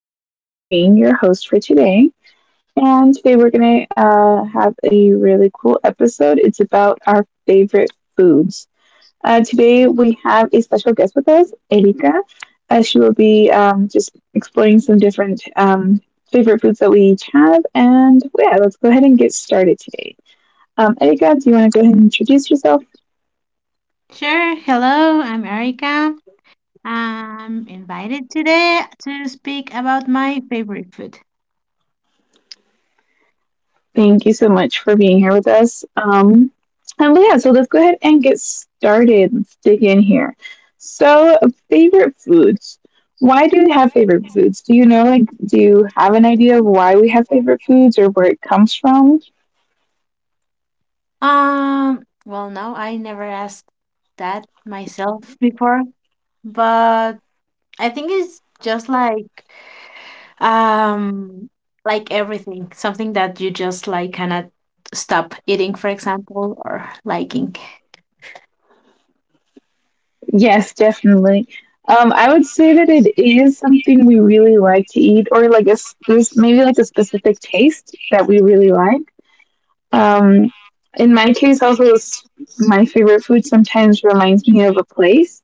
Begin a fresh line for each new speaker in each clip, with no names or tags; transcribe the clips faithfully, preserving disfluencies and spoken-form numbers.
is Irene, your host for today. And today we're going to uh, have a really cool episode. It's about our favorite foods. Uh, today we have a special guest with us, Erika. Uh, she will be um, just exploring some different um, favorite foods that we each have. And yeah, let's go ahead and get started today. Um, Erika, do you want to go ahead and introduce yourself?
Sure. Hello, I'm Erica. I'm invited today to speak about my favorite food.
Thank you so much for being here with us. Um, and yeah, so let's go ahead and get started. Let's dig in here. So, favorite foods. Why do we have favorite foods? Do you know, like, do you have an idea of why we have favorite foods or where it comes from?
Um, well, no, I never asked that myself before, but I think it's just like um like everything, something that you just like cannot stop eating, for example, or liking.
Yes, definitely. Um, I would say that it is something we really like to eat, or like a s- there's maybe like a specific taste that we really like. Um, in my case, also, s- my favorite food sometimes reminds me of a place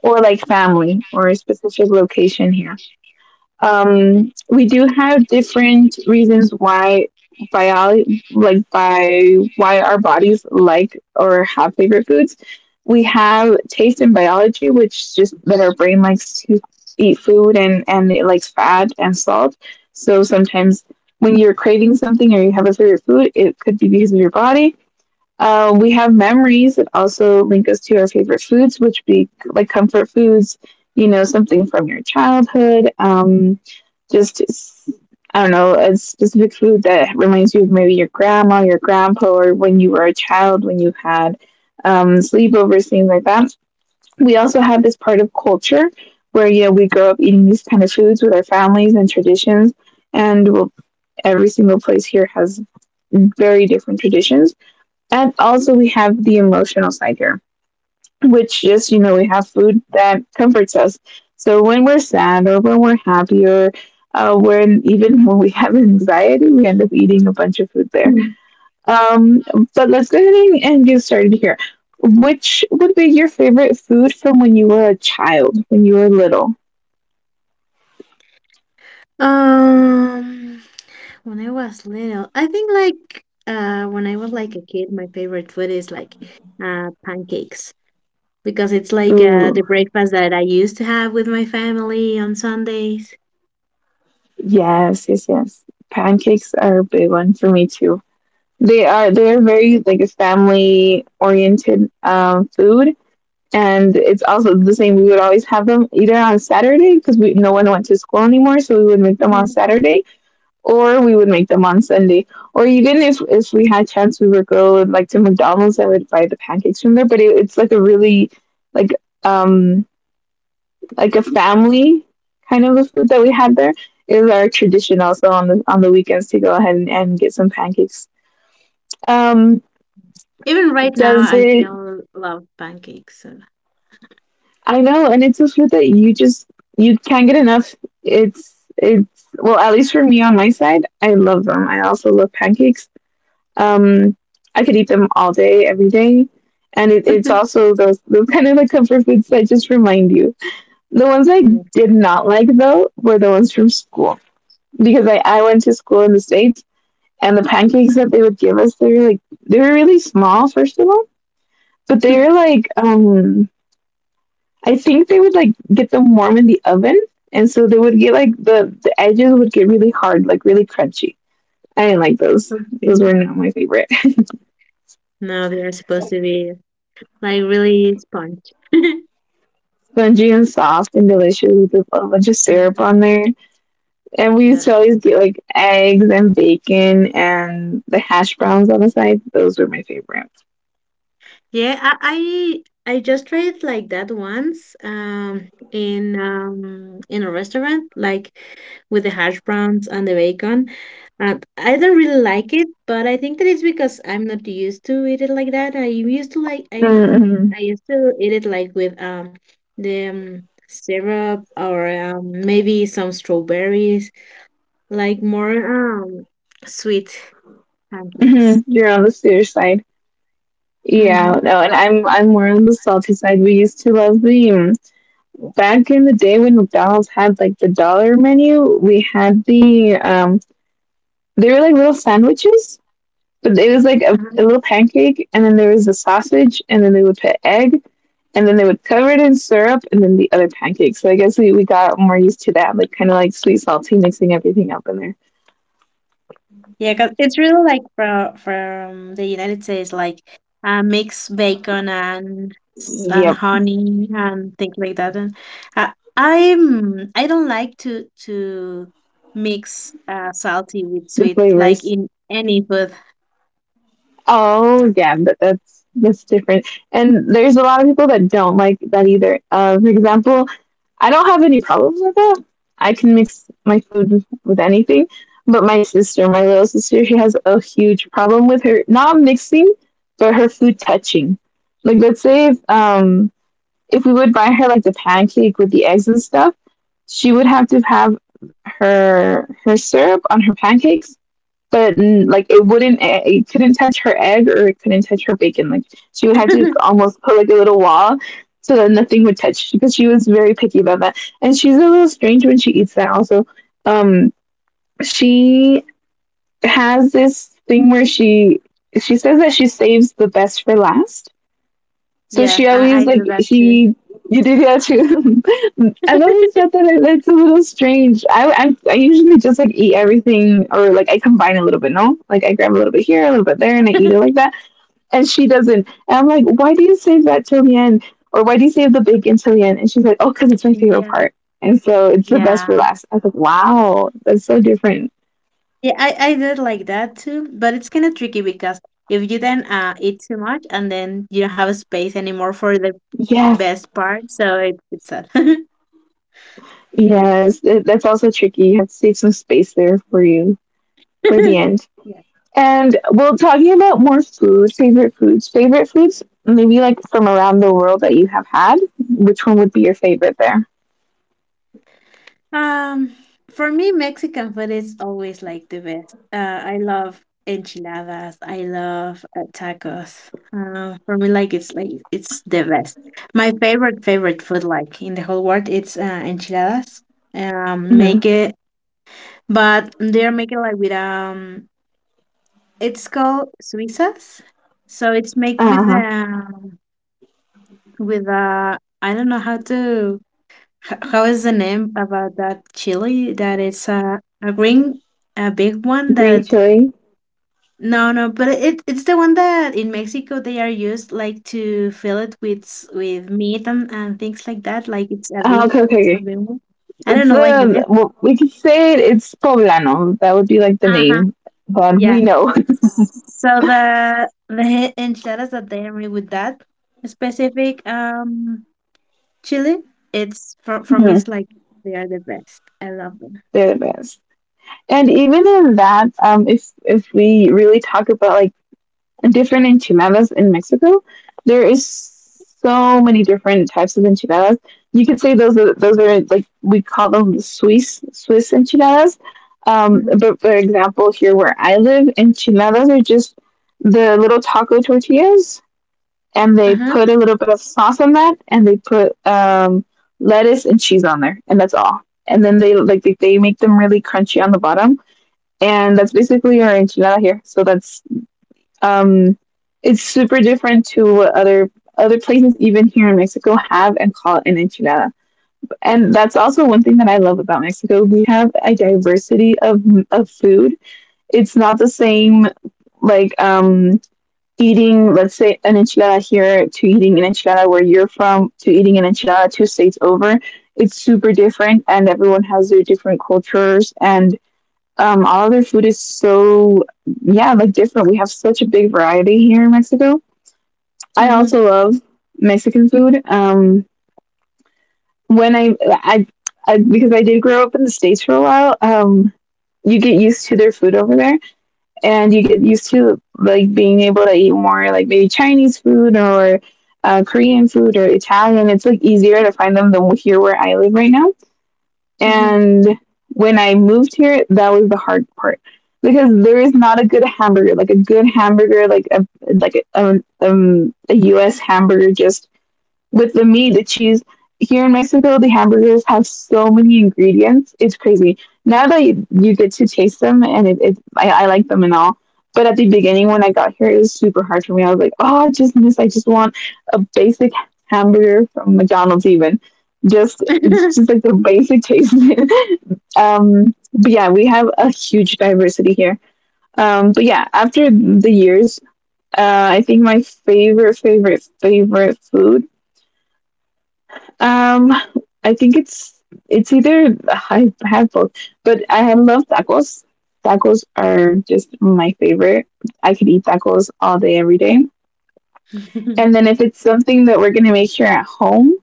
or like family or a specific location here. um, we do have different reasons why, biology, like by why our bodies like or have favorite foods. We have taste and biology, which just that our brain likes to eat food, and and it likes fat and salt. So sometimes when you're craving something or you have a favorite food, it could be because of your body. uh, we have memories that also link us to our favorite foods, which be like comfort foods, you know, something from your childhood. Um, just, s- I don't know, a specific food that reminds you of maybe your grandma, your grandpa, or when you were a child, when you had um, sleepovers, things like that. We also have this part of culture where, you know, we grow up eating these kind of foods with our families and traditions. And we'll, every single place here has very different traditions. And also we have the emotional side here, which just, you know, we have food that comforts us. So when we're sad or when we're happy or uh, when even when we have anxiety, we end up eating a bunch of food there. Um, but let's go ahead and and get started here. Which would be your favorite food from when you were a child, when you were little?
Um, when I was little, I think like uh when I was like a kid, my favorite food is like uh pancakes because it's like uh the
Ooh,
breakfast that I used to have with my family on Sundays.
yes, yes, yes. Pancakes are a big one for me too. They are they're very like a family oriented um, food, and it's also the same. We would always have them either on Saturday because we, no one went to school anymore, so we would make them on
Mhm.
Saturday, or we would make them on Sunday, or even if if we had chance, we would go like to McDonald's and would buy the pancakes from there. But it, it's like a really like um like a family kind of a food that we had there. It was our tradition also on the on the weekends to go ahead and, and get some pancakes. Um,
Even right now,
does
I
it
still love pancakes. So.
I know, and it's this food that you just you can't get enough. It's it's well, at least for me on my side, I love them. I also love pancakes. Um, I could eat them all day, every day, and it, it's also those those kind of like comfort foods that just remind you. The ones I
Yeah.
did not like though were the ones from school because I I went to school in the States, and the pancakes that they would give us, they were like, they were really small first of all, but they were like um I think they would like get them warm in the oven, and so they would get like the the edges would get really hard, like really crunchy. I didn't like those.
Okay.
Those were not my favorite.
No, they are supposed to be like really sponge.
Spongy and soft and delicious with a bunch of syrup
Uh-huh.
on there. And we used to
That's
always get like eggs and bacon and the hash browns on the side. Those were my favorite.
Yeah, I I, I just tried like that once um in um in a restaurant like with the hash browns and the bacon. And I don't really like it, but I think that it's because I'm not used to eat it like that. I used to like I
Mm-hmm.
I used to eat it like with um the um, syrup or um, maybe some strawberries, like more um sweet
Mm-hmm.
pancakes.
You're on the sweeter side. Yeah,
Mm-hmm.
no, and I'm I'm more on the salty side. We used to love the um, back in the day when McDonald's had like the dollar menu, we had the um they were like little sandwiches, but it was like a,
Uh-huh.
a little pancake, and then there was a sausage, and then they would put egg, and then they would cover it in syrup and then the other pancake. So I guess we, we got more used to that, like kinda like sweet salty mixing everything up in there.
Yeah, cause it's really like from from the United States, like uh, mixed bacon and s- and
Yep.
honey and things like that. And I I'm I don't like to to mix uh, salty with
The
sweet, like
flavors.
in any food.
Oh yeah, that, that's that's different. And there's a lot of people that don't like that either. Uh, for example, I don't have any problems with that. I can mix my food with anything. But my sister, my little sister, she has a huge problem with her not mixing, but her food touching. Like let's say if um if we would buy her like the pancake with the eggs and stuff, she would have to have her her syrup on her pancakes, but mm, like it wouldn't, it it couldn't touch her egg or it couldn't touch her bacon. Like she would have to almost put like a little wall so that nothing would touch, because she was very picky about that, and she's a little strange when she eats that also. Um she has this thing where she she says that she saves the best for last. So
Yeah,
she
I,
always
I
like,
do that too.
she, you did that too. I've always thought that it- that's a little strange. I, I I usually just like eat everything, or like I combine a little bit. No, like I grab a little bit here, a little bit there, and I eat it like that. And she doesn't. And I'm like, why do you save that till the end, or why do you save the bacon till the end? And she's like, oh, because it's my favorite
Yeah,
part, and so it's the best for
yeah,
last. I was like, wow, that's so different.
yeah. I I did like that too, but it's kind of tricky because if you then uh eat too much and then you don't have a space anymore for the
Yes,
best part, so it, it's sad.
yes. That- that's also tricky. You have to save some space there for you for the end.
Yeah.
And well, talking about more food, favorite foods, favorite foods, maybe like from around the world that you have had, which one would be your favorite there?
Um, for me, Mexican food is always like the best. Uh, I love enchiladas. I love uh, tacos. Uh, for me, like it's like it's the best. My favorite favorite food, like in the whole world, it's uh, enchiladas. Um,
Hmm.
make it, but they're making like with um, it's called suizas. So it's made with
Uh-huh.
um with uh, I don't know how to H- how is the name about that chili that it's a, a green a big one
Green
that
chili.
no no but it it's the one that in Mexico they are used like to fill it with s- with meat and, and things like that like it's a
Uh,
big
okay, okay,
a
okay.
big one. I don't
It's
know like the name.
the, well, we could say it, it's poblano. That would be like the
Uh-huh.
name, but we
Yeah.
know.
So the the enchiladas that they are made with that specific um chili it's for for me it's
Hmm,
like they are the best. I love them.
they're the best. And even in that, um, if if we really talk about like different enchiladas in Mexico, there is so many different types of enchiladas. You could say those are, those are like, we call them the Swiss Swiss enchiladas. Um,
Mhm.
but for example, here where I live, enchiladas are just the little taco tortillas, and they
Uh-huh.
put a little bit of sauce on that, and they put um, lettuce and cheese on there, and that's all. And then they like they, they make them really crunchy on the bottom, and that's basically our enchilada here. So that's um, it's super different to what other, other places, even here in Mexico, have and call an enchilada. And that's also one thing that I love about Mexico. We have a diversity of of food. It's not the same like um, eating, let's say, an enchilada here to eating an enchilada where you're from to eating an enchilada two states over. It's super different, and everyone has their different cultures, and um, all of their food is so, yeah, like different. We have such a big variety here in Mexico. I
Mm-hmm.
also love Mexican food. Um, when I, I, I, because I did grow up in the States for a while, um, you get used to their food over there, and you get used to like being able to eat more like maybe Chinese food or uh, Korean food or Italian. It's like easier to find them than here where I live right now. And when I moved here, that was the hard part because there is not a good hamburger, like a good hamburger, like a like a, um, um, a U S hamburger, just with the meat, the cheese. Here in Mexico, the hamburgers have so many ingredients. It's crazy. Now that you, you get to taste them, and it, it I, I like them and all. But at the beginning, when I got here, it was super hard for me. I was like, oh, I just miss, I just want a basic hamburger from McDonald's, even. Just, it's just like the basic taste. um, but yeah, we have a huge diversity here. Um, but yeah, after the years, uh, I think my favorite, favorite, favorite food, um, I think it's it's either, I have both, but I love tacos. Tacos are just my favorite. I could eat tacos all day, every day. And then if it's something that we're gonna make here at home,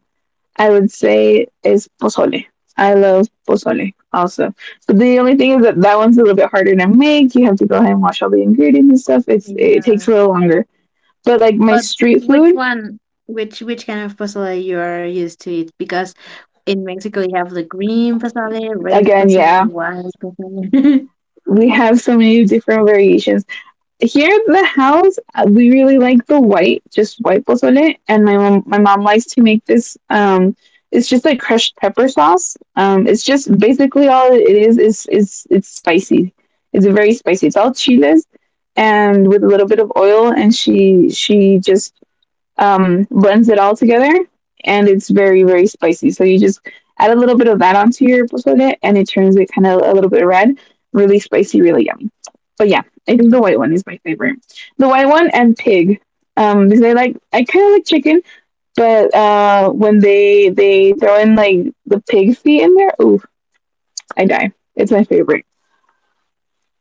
I would say is pozole. I love pozole also. But the only thing is that that one's a little bit harder to make. You have to go ahead and wash all the ingredients and stuff. It's it takes
Yeah.
a little longer. But like my
But
street
which
food,
one, which which kind of pozole you are used to eat? Because in Mexico you have the green pozole, red
again, yeah,
pozole, white pozole.
we have so many different variations here at the house, uh, we really like the white, just white pozole, and my mom, my mom likes to make this. Um, it's just like crushed pepper sauce. Um, it's just basically all it is is is it's spicy. It's very spicy. It's all chiles, and with a little bit of oil, and she she just um, blends it all together, and it's very very spicy. So you just add a little bit of that onto your pozole, and it turns it kind of a little bit red, really spicy, really yummy. But yeah, I think the
Okay.
white one is my favorite. The white one and pig, um, because I like I kind of like chicken, but uh, when they they throw in like the pig feet in there, ooh, I die. It's my favorite.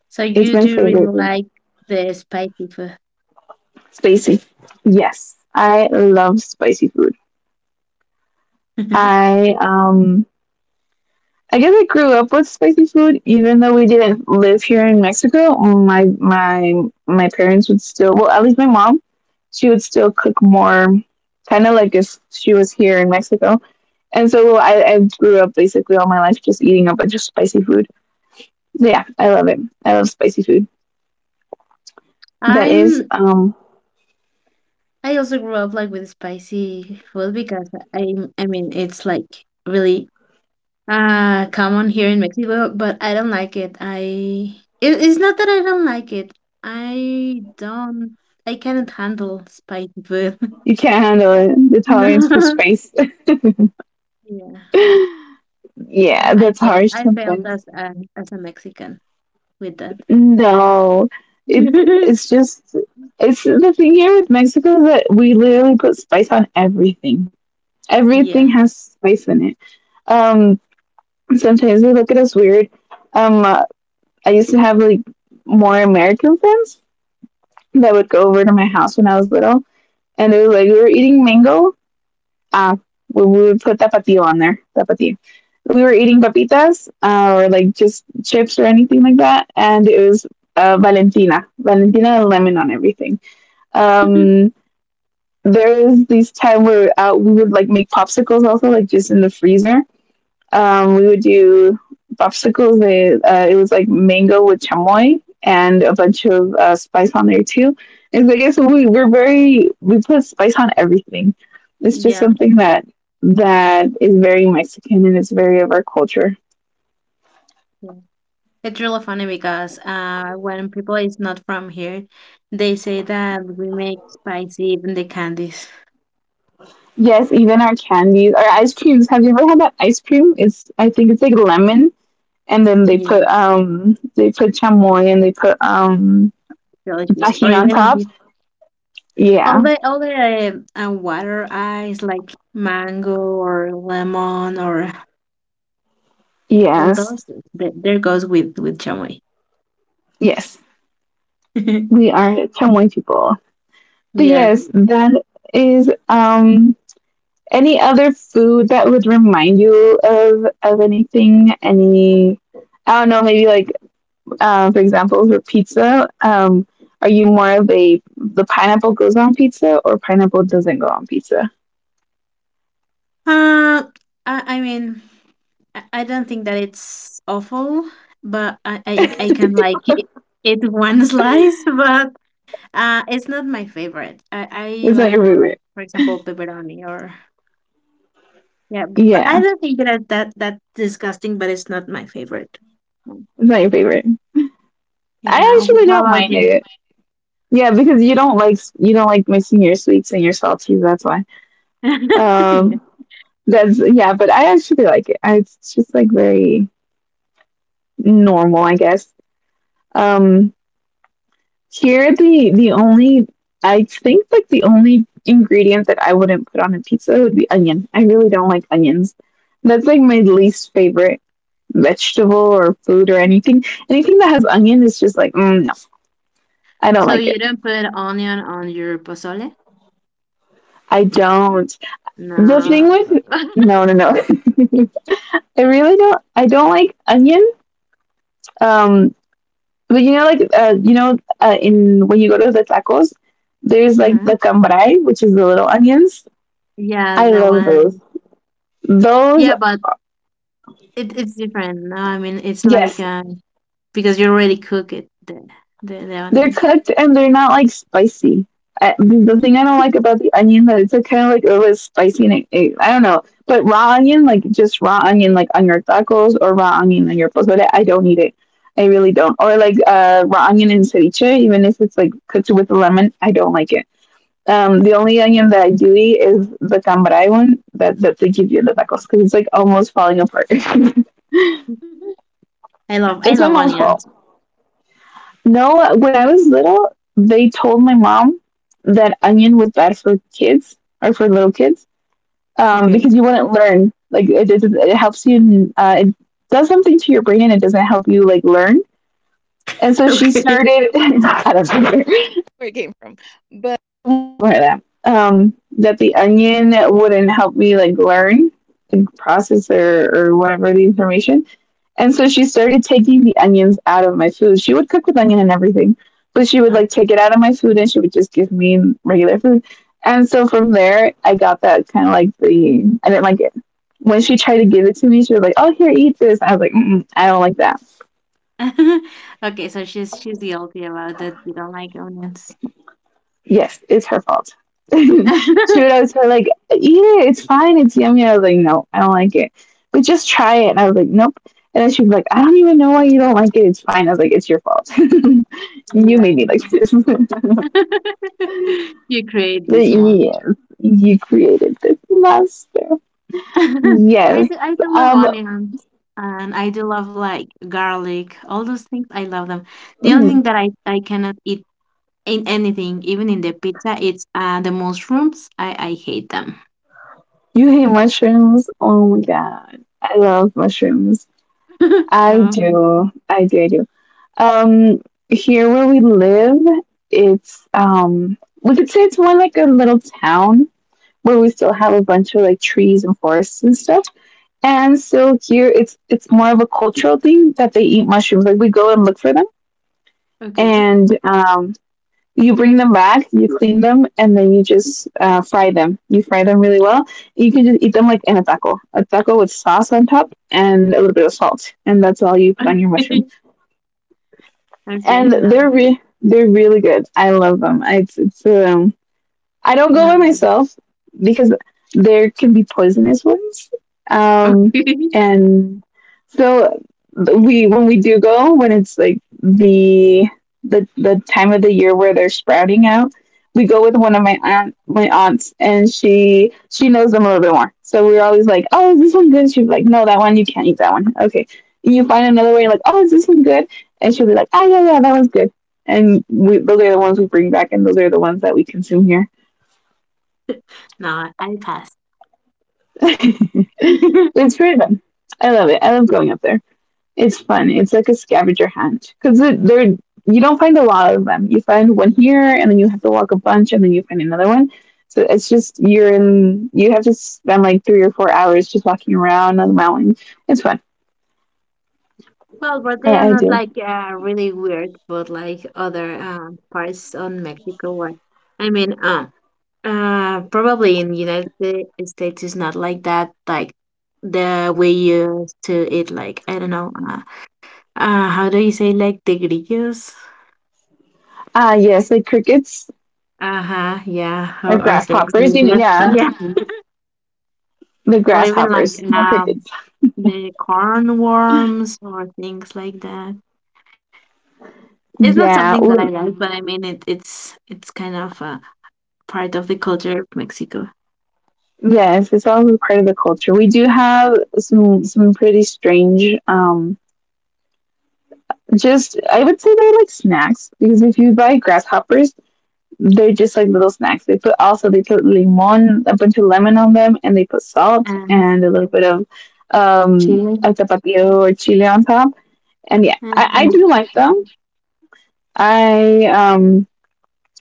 So
It's
you
my
do really
favorite. Favorite.
like the spicy food.
Spicy. Yes, I love spicy food. I um I guess I grew up with spicy food, even though we didn't live here in Mexico. My my my parents would still, well, at least my mom, she would still cook more, kind of like if she was here in Mexico. And so I, I grew up basically all my life just eating a bunch of spicy food. So yeah, I love it. I love spicy food. That is,
I'm
um,
I also grew up like with spicy food because I I mean it's like really uh common here in Mexico, but I don't like it. I it, it's not that I don't like it. I don't I cannot handle spicy food.
you can't handle it. The tolerance for
No.
spice.
Yeah.
Yeah,
I, I
that's
failed
harsh
I failed
sometimes.
as a as a Mexican with that.
No, it's it's just it's the thing here with Mexico is that we literally put spice on everything.
Yeah.
Everything has spice in it. Um, Sometimes they look at us weird. Um, uh, I used to have like more American friends that would go over to my house when I was little, and it was like we were eating mango, uh, we would put tapatio on there. Tapatio. We were eating papitas uh, or like just chips or anything like that, and it was uh, Valentina, Valentina and lemon on everything. Um, there was this time where uh, we would like make popsicles also, like just in the freezer, um, we would do popsicles. They, uh, it was like mango with chamoy and a bunch of uh, spice on there too. And so I guess we we're very we put spice on everything. It's just
Yeah.
something that that is very Mexican and it's very of our culture.
Yeah. It's really funny because uh when people is not from here, they say that we make spicy even the candies.
Yes, even our candies, our ice creams. Have you ever had that ice cream? It's I think it's like lemon, and then they
Yeah,
put um they put chamoy and they put um
delicious. Or
tahini on
even
top.
if
Yeah.
All the all the uh, um, water ice like mango or lemon or all
Yes.
those th- there goes with with chamoy.
Yes. We are Chamoy people. But
Yeah.
yes, that is um any other food that would remind you of of anything, any I don't know, maybe like uh, for example for pizza, um are you more of a the pineapple goes on pizza or pineapple doesn't go on pizza?
Uh, I, I mean, I, I don't think that it's awful, but I I, I can like eat one slice, but uh, it's not my favorite. I, I
Is that
like
your
more like
favorite?
for example pepperoni or yeah, b- but I
Yeah,
don't think that that that's disgusting, but it's not my favorite. Mm.
it's not your favorite.
Yeah.
I
Now,
actually
how
don't
about
mind
you?
it. Yeah, because you don't like you don't like mixing your sweets and your salties. That's why.
Yeah.
Um, That's yeah, but I actually like it. I, it's just like very normal, I guess. Um, Here the the only I think like the only ingredient that I wouldn't put on a pizza would be onion. I really don't like onions. That's like my least favorite vegetable or food or anything. Anything that has onion is just like mm, no, I don't
So
like it.
you don't put onion on your pozole?
I don't. The thing
No.
with no, no, no. I really don't. I don't like onion. Um, But you know, like uh, you know, uh, in when you go to the tacos, there's like
Uh-huh.
the cambray, which is the little onions.
Yeah,
I
the
love
one.
those.
Yeah,
Those,
but it, it's different. No, I mean it's like
yes,
uh Because you already cook it, the the the
they're
onion.
cooked and they're not like spicy. I, the thing I don't like about the onion that it's like kind of like it was spicy and it, it, I don't know. But raw onion, like just raw onion, like on your tacos or raw onion on your pozole, I don't need it. I really don't. Or like uh, raw onion in ceviche, even if it's like cooked with lemon, I don't like it. Um, the only onion that I do eat is the cambrai one that, that they give you in the tacos because it's like almost falling apart. It's
I love I love
my mom's
onions.
fault. No, when I was little, they told my mom that onion was bad for kids or for little kids um,
Okay.
because you wouldn't learn. Like it, it, it helps you. Uh, it does something to your brain and it doesn't help you like learn. And so she
Okay.
started. I don't know. Where it came from. Right that. Um, that the onion wouldn't help me like learn, like process or, or whatever the information. And so she started taking the onions out of my food. She would cook with onion and everything, but she would like
Um,
take it out of my food and she would just give me regular food. And so from there, I got that kind of like the I didn't like it. When she tried to give it to me, she was like, "Oh, here, eat this." I was like, mm-mm, "I don't like that."
okay, so she's she's guilty about that. You don't like onions.
Yes, it's her fault. She would always be like, "Eat it, it's fine, it's yummy." I was like, "No, I don't like it." But just try it, and I was like, "Nope." And then she'd be like, "I don't even know why you don't like it. It's fine." I was like, "It's your fault. You
Yeah.
made me like this."
You create
But
this month.
yes, you created this monster.
I
Yes.
do I do love
Um,
onions and I do love like garlic, all those things. I love them. The only
mm,
thing that I I cannot eat in anything, even in the pizza, it's uh the mushrooms. I I hate them.
you hate mushrooms? Oh my
Yeah.
god, I love mushrooms. I
No.
do. I do. I do. Um, Here where we live, it's um, we could say it's more like a little town where we still have a bunch of like trees and forests and stuff. And so here, it's it's more of a cultural thing that they eat mushrooms. Like we go and look for them,
Okay.
and um, you bring them back, you clean them, and then you just uh, fry them. You fry them really well. You can just eat them like in a taco, a taco with sauce on top and a little bit of salt, and that's all you put on your mushroom.
Okay. Okay.
And
No.
they're re- they're really good. I love them. It's it's um I don't go by
No.
myself because there can be poisonous ones. Um,
Okay.
and so we when we do go, when it's like the the the time of the year where they're sprouting out, we go with one of my aunt my aunts, and she she knows them a little bit more. So we're always like, oh, is this one good? She's like, no, that one you can't eat that one. Okay, and you find another way, you're like, oh, is this one good? And she'll be like, ah, yeah, yeah, that one's good. And we, those are the ones we bring back, and those are the ones that we consume here.
No, I pass.
It's pretty fun. I love it. I love going up there. It's fun. It's like a scavenger hunt because they're you don't find a lot of them. You find one here, and then you have to walk a bunch, and then you find another one. So it's just you're in. You have to spend like three or four hours just walking around on the mountain. It's fun.
Well, but they are
I, I
not
do.
like uh, really weird, but like other um, parts on Mexico. What I mean, um, uh, probably in United Sta- States is not like that. Like the way you used to eat, like I don't know, uh, uh, how do you say, like the grillos?
Ah, yes, like crickets
Uh huh. Yeah.
or
Or, or things
grasshoppers.
like
You know,
that.
yeah,
Yeah.
the
Or even like
grasshoppers, not
um
crickets.
the corn worms or things like that. It's not something
Yeah,
that I like, but I mean it it's it's kind of a part of the culture of Mexico.
yes, it's also part of the culture. We do have some some pretty strange um just I would say they're like snacks because if you buy grasshoppers, they're just like little snacks. They put also they put limon, a bunch of lemon on them and they put salt
And
and a little bit of um
Chile.
a tapatio or chili on top. And yeah,
Uh,
I, I
yeah.
do like them. I um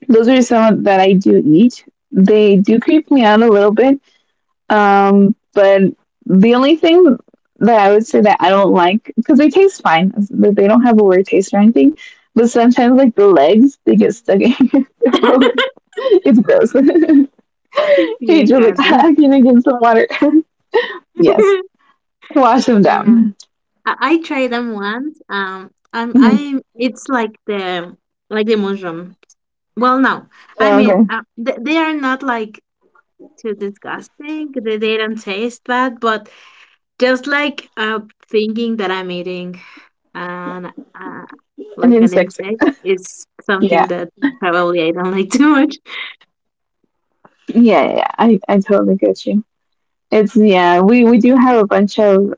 those are some that I do eat. They do creep me out a little bit. Um, but the only thing that I would say that I don't like because they taste fine, but they don't have a weird taste or anything. But sometimes, like the legs, they get stuck in your throat. It's gross. You
Yeah,
just like
kind of.
hacking get some water. Yes, to wash them
Yeah.
down.
I, I tried them once. Um I'm
Mhm.
I it's like the like the mushroom. Well no. I
Oh,
mean
okay,
uh, they, they are not like too disgusting. They, they don't taste bad, but just like uh thinking that I'm eating And uh,
an
like an
insect.
insect is something
Yeah,
that probably I don't like too much.
yeah, yeah. Yeah. I I totally get you. It's yeah. We we do have a bunch of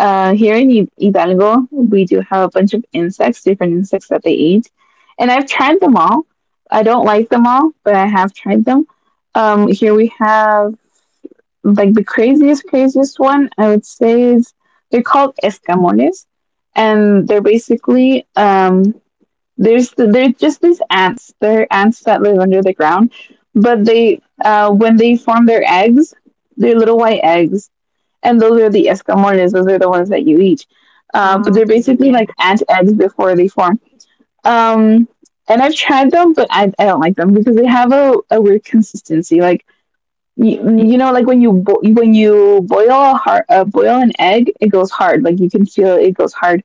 Uh, here in Hi- Hidalgo, we do have a bunch of insects, different insects that they eat. And I've tried them all. I don't like them all, but I have tried them. Um, here we have like the craziest, craziest one I would say is they're called escamoles, and they're basically um, there's the, they're just these ants. They're ants that live under the ground, but they uh, when they form their eggs, they're little white eggs, and those are the escamoles. Those are the ones that you eat. Uh, but
Oh,
they're
okay,
basically
yeah,
like ant eggs before they form. Um, and I've tried them, but I, I don't like them because they have a, a weird consistency. Like you,
yeah,
you know, like when you bo- when you boil a hard, uh, boil an egg, it goes hard. Like you can feel it goes hard.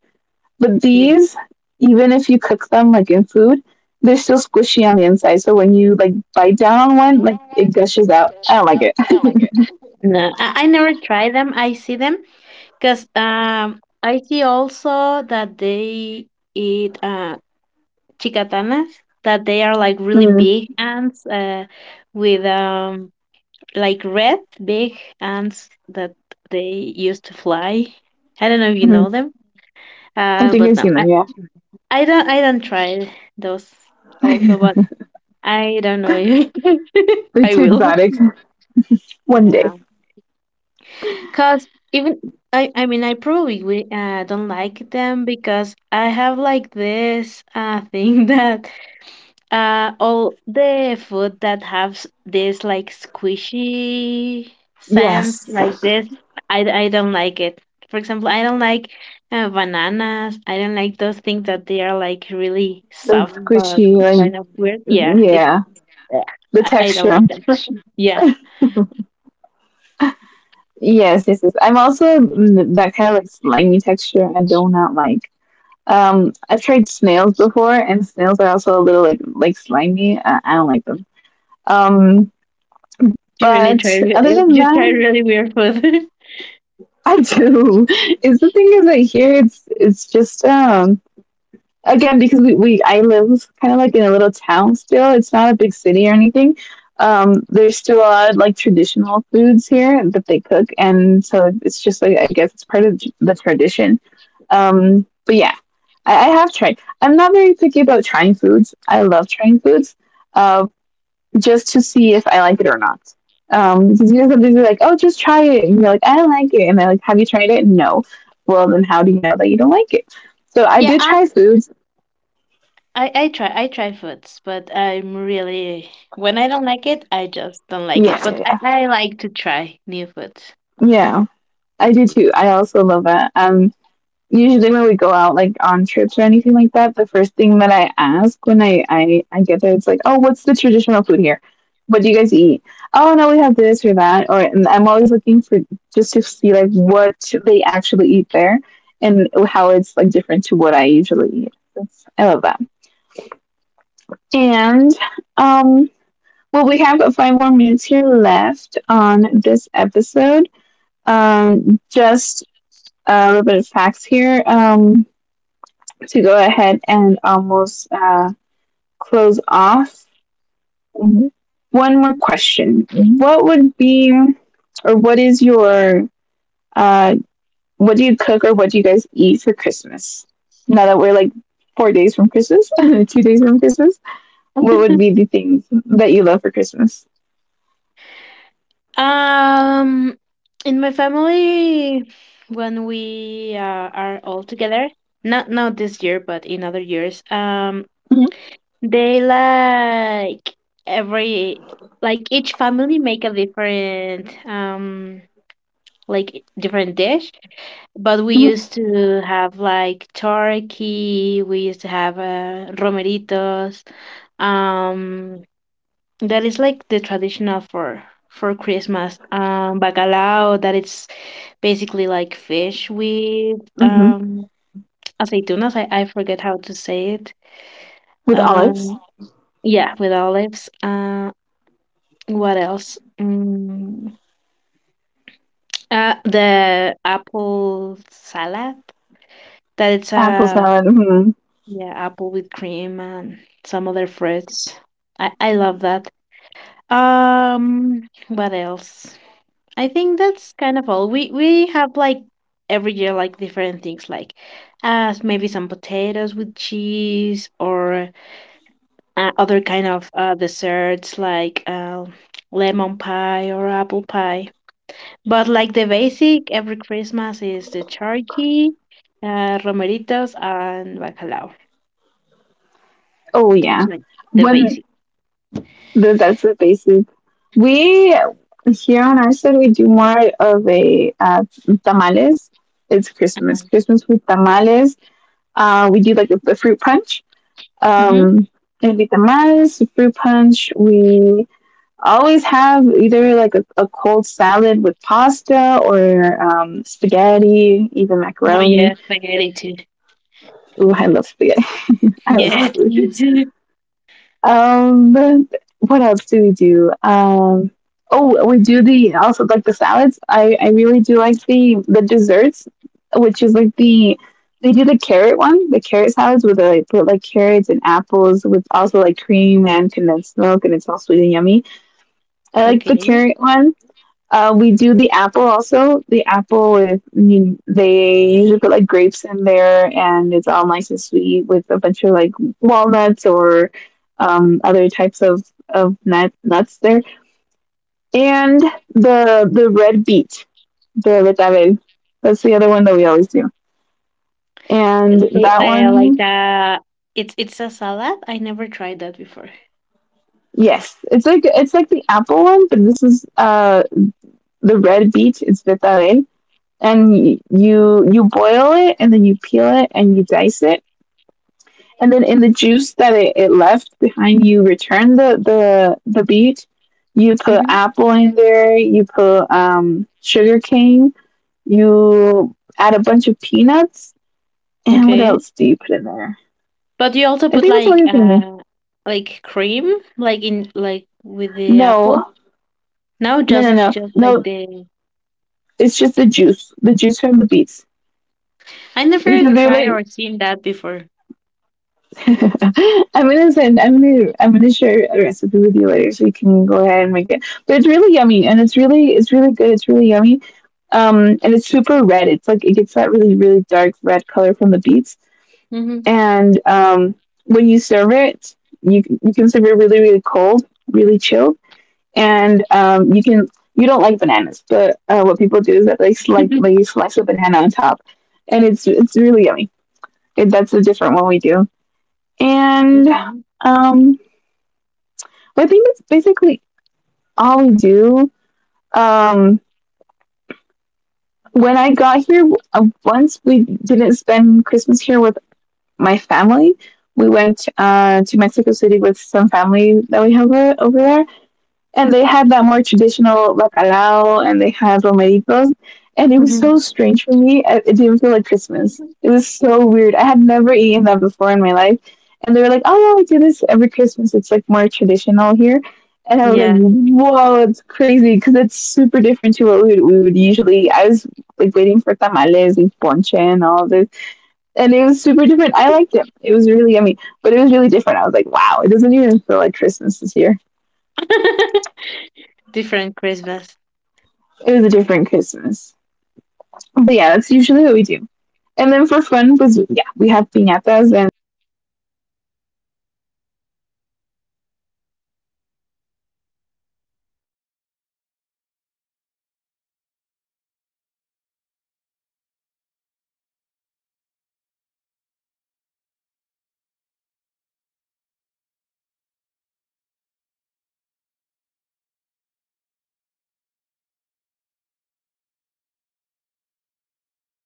But
yeah.
these, even if you cook them like in food, they're still squishy on the inside. So when you like bite down on one, like it gushes out. I don't like it.
No, I, I never try them. I see them because um, I see also that they eat uh, chicatanas, that they are like really
Mm-hmm.
big ants uh, with um, like red big ants that they use to fly. I don't know if you know them.
I
Uh,
think
but
I've
no,
seen
I,
them.
I don't, I don't try those
Yeah.
also, but I don't know if I
It's
will.
exotic. One
Yeah,
day.
no, cause even I, I mean, I probably will, uh, don't like them because I have like this uh thing that Uh, all the food that has this like squishy sense
Yes.
like this, I, I don't like it. For example, I don't like uh, bananas. I don't like those things that they are like really
The
soft but
squishy, like,
kind of weird. Yeah, it.
yeah.
uh,
The
I don't like
texture.
that. Yeah,
Yes, yes, yes. I'm also mm, that kind of like slimy texture I do not like. Um, I've tried snails before, and snails are also a little like like slimy. I, I don't like them. Um,
you really try.
but
re-
other
uh,
than
You try
that,
really weird food.
I do. It's the thing is that here it's it's just um again because we, we I live kind of like in a little town still. It's not a big city or anything. Um, there's still a lot of like traditional foods here that they cook, and so it's just like I guess it's part of the tradition. Um, but yeah, I, I have tried. I'm not very picky about trying foods. I love trying foods, uh, just to see if I like it or not. Um, because you know sometimes you're like, oh, just try it, and you're like, I like it, and they're like, have you tried it? No. Well, then how do you know that you don't like it? So I
Yeah,
do
I,
try foods.
I I try I try foods, but I'm really when I don't like it, I just don't like
Yeah,
it.
yeah,
But I,
yeah.
I like to try new foods.
Yeah, I do too. I also love that. Um, usually when we go out like on trips or anything like that, the first thing that I ask when I I, I get there, it's like, oh, what's the traditional food here? What do you guys eat? Oh no, we have this or that. Or, and I'm always looking for just to see like what they actually eat there and how it's like different to what I usually eat. That's, I love that. And um, well, we have five more minutes here left on this episode, um, just a little bit of facts here, um, to go ahead and almost uh, close off. Mhm. One more question: what would be, or what is your, uh, what do you cook, or what do you guys eat for Christmas? Now that we're like four days from Christmas, two days from Christmas, what would be the things that you love for Christmas?
um, in my family, when we uh, are all together, not not this year, but in other years, um, they like every like each family make a different um like different dish. But we
Hmm.
used to have like turkey. We used to have uh, romeritos. um That is like the traditional for for Christmas. Um, bacalao, that it's basically like fish with
Hmm.
um aceitunas. I, I forget how to say it.
With olives,
Um, yeah, with olives. Uh, what else? Mm, uh, the apple salad. That it's
apple
a
salad. Mhm.
yeah apple with cream and some other fruits. I I love that. Um, what else? I think that's kind of all. We we have like every year like different things like uh maybe some potatoes with cheese or uh, other kind of uh desserts like uh, lemon pie or apple pie. But like the basic every Christmas is the turkey, uh romeritos and bacalao.
Oh yeah.
It's like the
When
basic.
Th- That's the basic. We Here on our side we do more of a uh, tamales. It's Christmas, Christmas with tamales. Uh, we do like a, a fruit punch.
Mhm.
Um, it'd be tamales, fruit punch. We always have either like a, a cold salad with pasta or um, spaghetti, even
Oh
macaroni.
yes, spaghetti too.
Ooh, I love spaghetti. I love
Yes,
spaghetti.
me too.
Um, what else do we do? Um, oh, we do the also like the salads. I I really do like the the desserts, which is like the they do the carrot one, the carrot salads with like put like carrots and apples with also like cream and condensed milk, and it's all sweet and yummy. I like the
Okay.
carrot one. Uh, we do the apple also. The apple with, I mean, they usually put like grapes in there, and it's all nice and sweet with a bunch of like walnuts or um, other types of of nut, nuts there. And the the red beet, the betabel. That's the other one that we always do. And
Okay,
that
uh, like
one,
a it's it's a salad. I never tried that before.
yes, it's like it's like the apple one, but this is uh the red beet. It's betabel, and y- you you boil it, and then you peel it, and you dice it, and then in the juice that it, it left behind you return the the the beet. You put
Mhm.
apple in there. You put um sugar cane. You add a bunch of peanuts. And what
Okay.
else do you put in there?
But you also
I
put
think that's all
like
you put in there.
uh like cream like in like with the apple?
No.
No,
No, no,
just
no,
just like
no,
the
it's just the juice, the juice from the beets,
I never
because they're
tried
like.
or seen that before.
I'm gonna send. I'm gonna. I'm gonna share a recipe with you later, so you can go ahead and make it. But it's really yummy, and it's really, it's really, good. It's really yummy. Um, and it's super red. It's like it gets that really, really dark red color from the beets.
Mhm.
And um, when you serve it, you you can serve it really, really cold, really chilled. And um, you can. You don't like bananas, but uh, what people do is that they like they slice a banana on top, and it's it's really yummy. It, that's a different one we do, and
Okay.
um, I think that's basically all we do. Um, when I got here, uh, once we didn't spend Christmas here with my family. We went uh, to Mexico City with some family that we have o- over there, and they had that more traditional bacalao, and they had romeritos, and it was so
Mhm.
strange for me. I- it didn't feel like Christmas. It was so weird. I had never eaten that before in my life. And they were like, oh yeah, we do this every Christmas, it's like more traditional here. And I was like,
Yeah.
whoa, it's crazy because it's super different to what we would, we would usually. I was like waiting for tamales and ponche and all this. And it was super different. I liked it. It was really yummy, but it was really different. I was like, wow, it doesn't even feel like Christmas this year.
Different Christmas.
It was a different Christmas. But yeah, that's usually what we do. And then for fun was, yeah, we have piñatas, and usually we, we break up the piñatas, and you know they're full of candy, and and it's just the Christmas spirit. I love it. I feel like we start eating like in November, and we don't stop until the beginning of the year. It is crazy.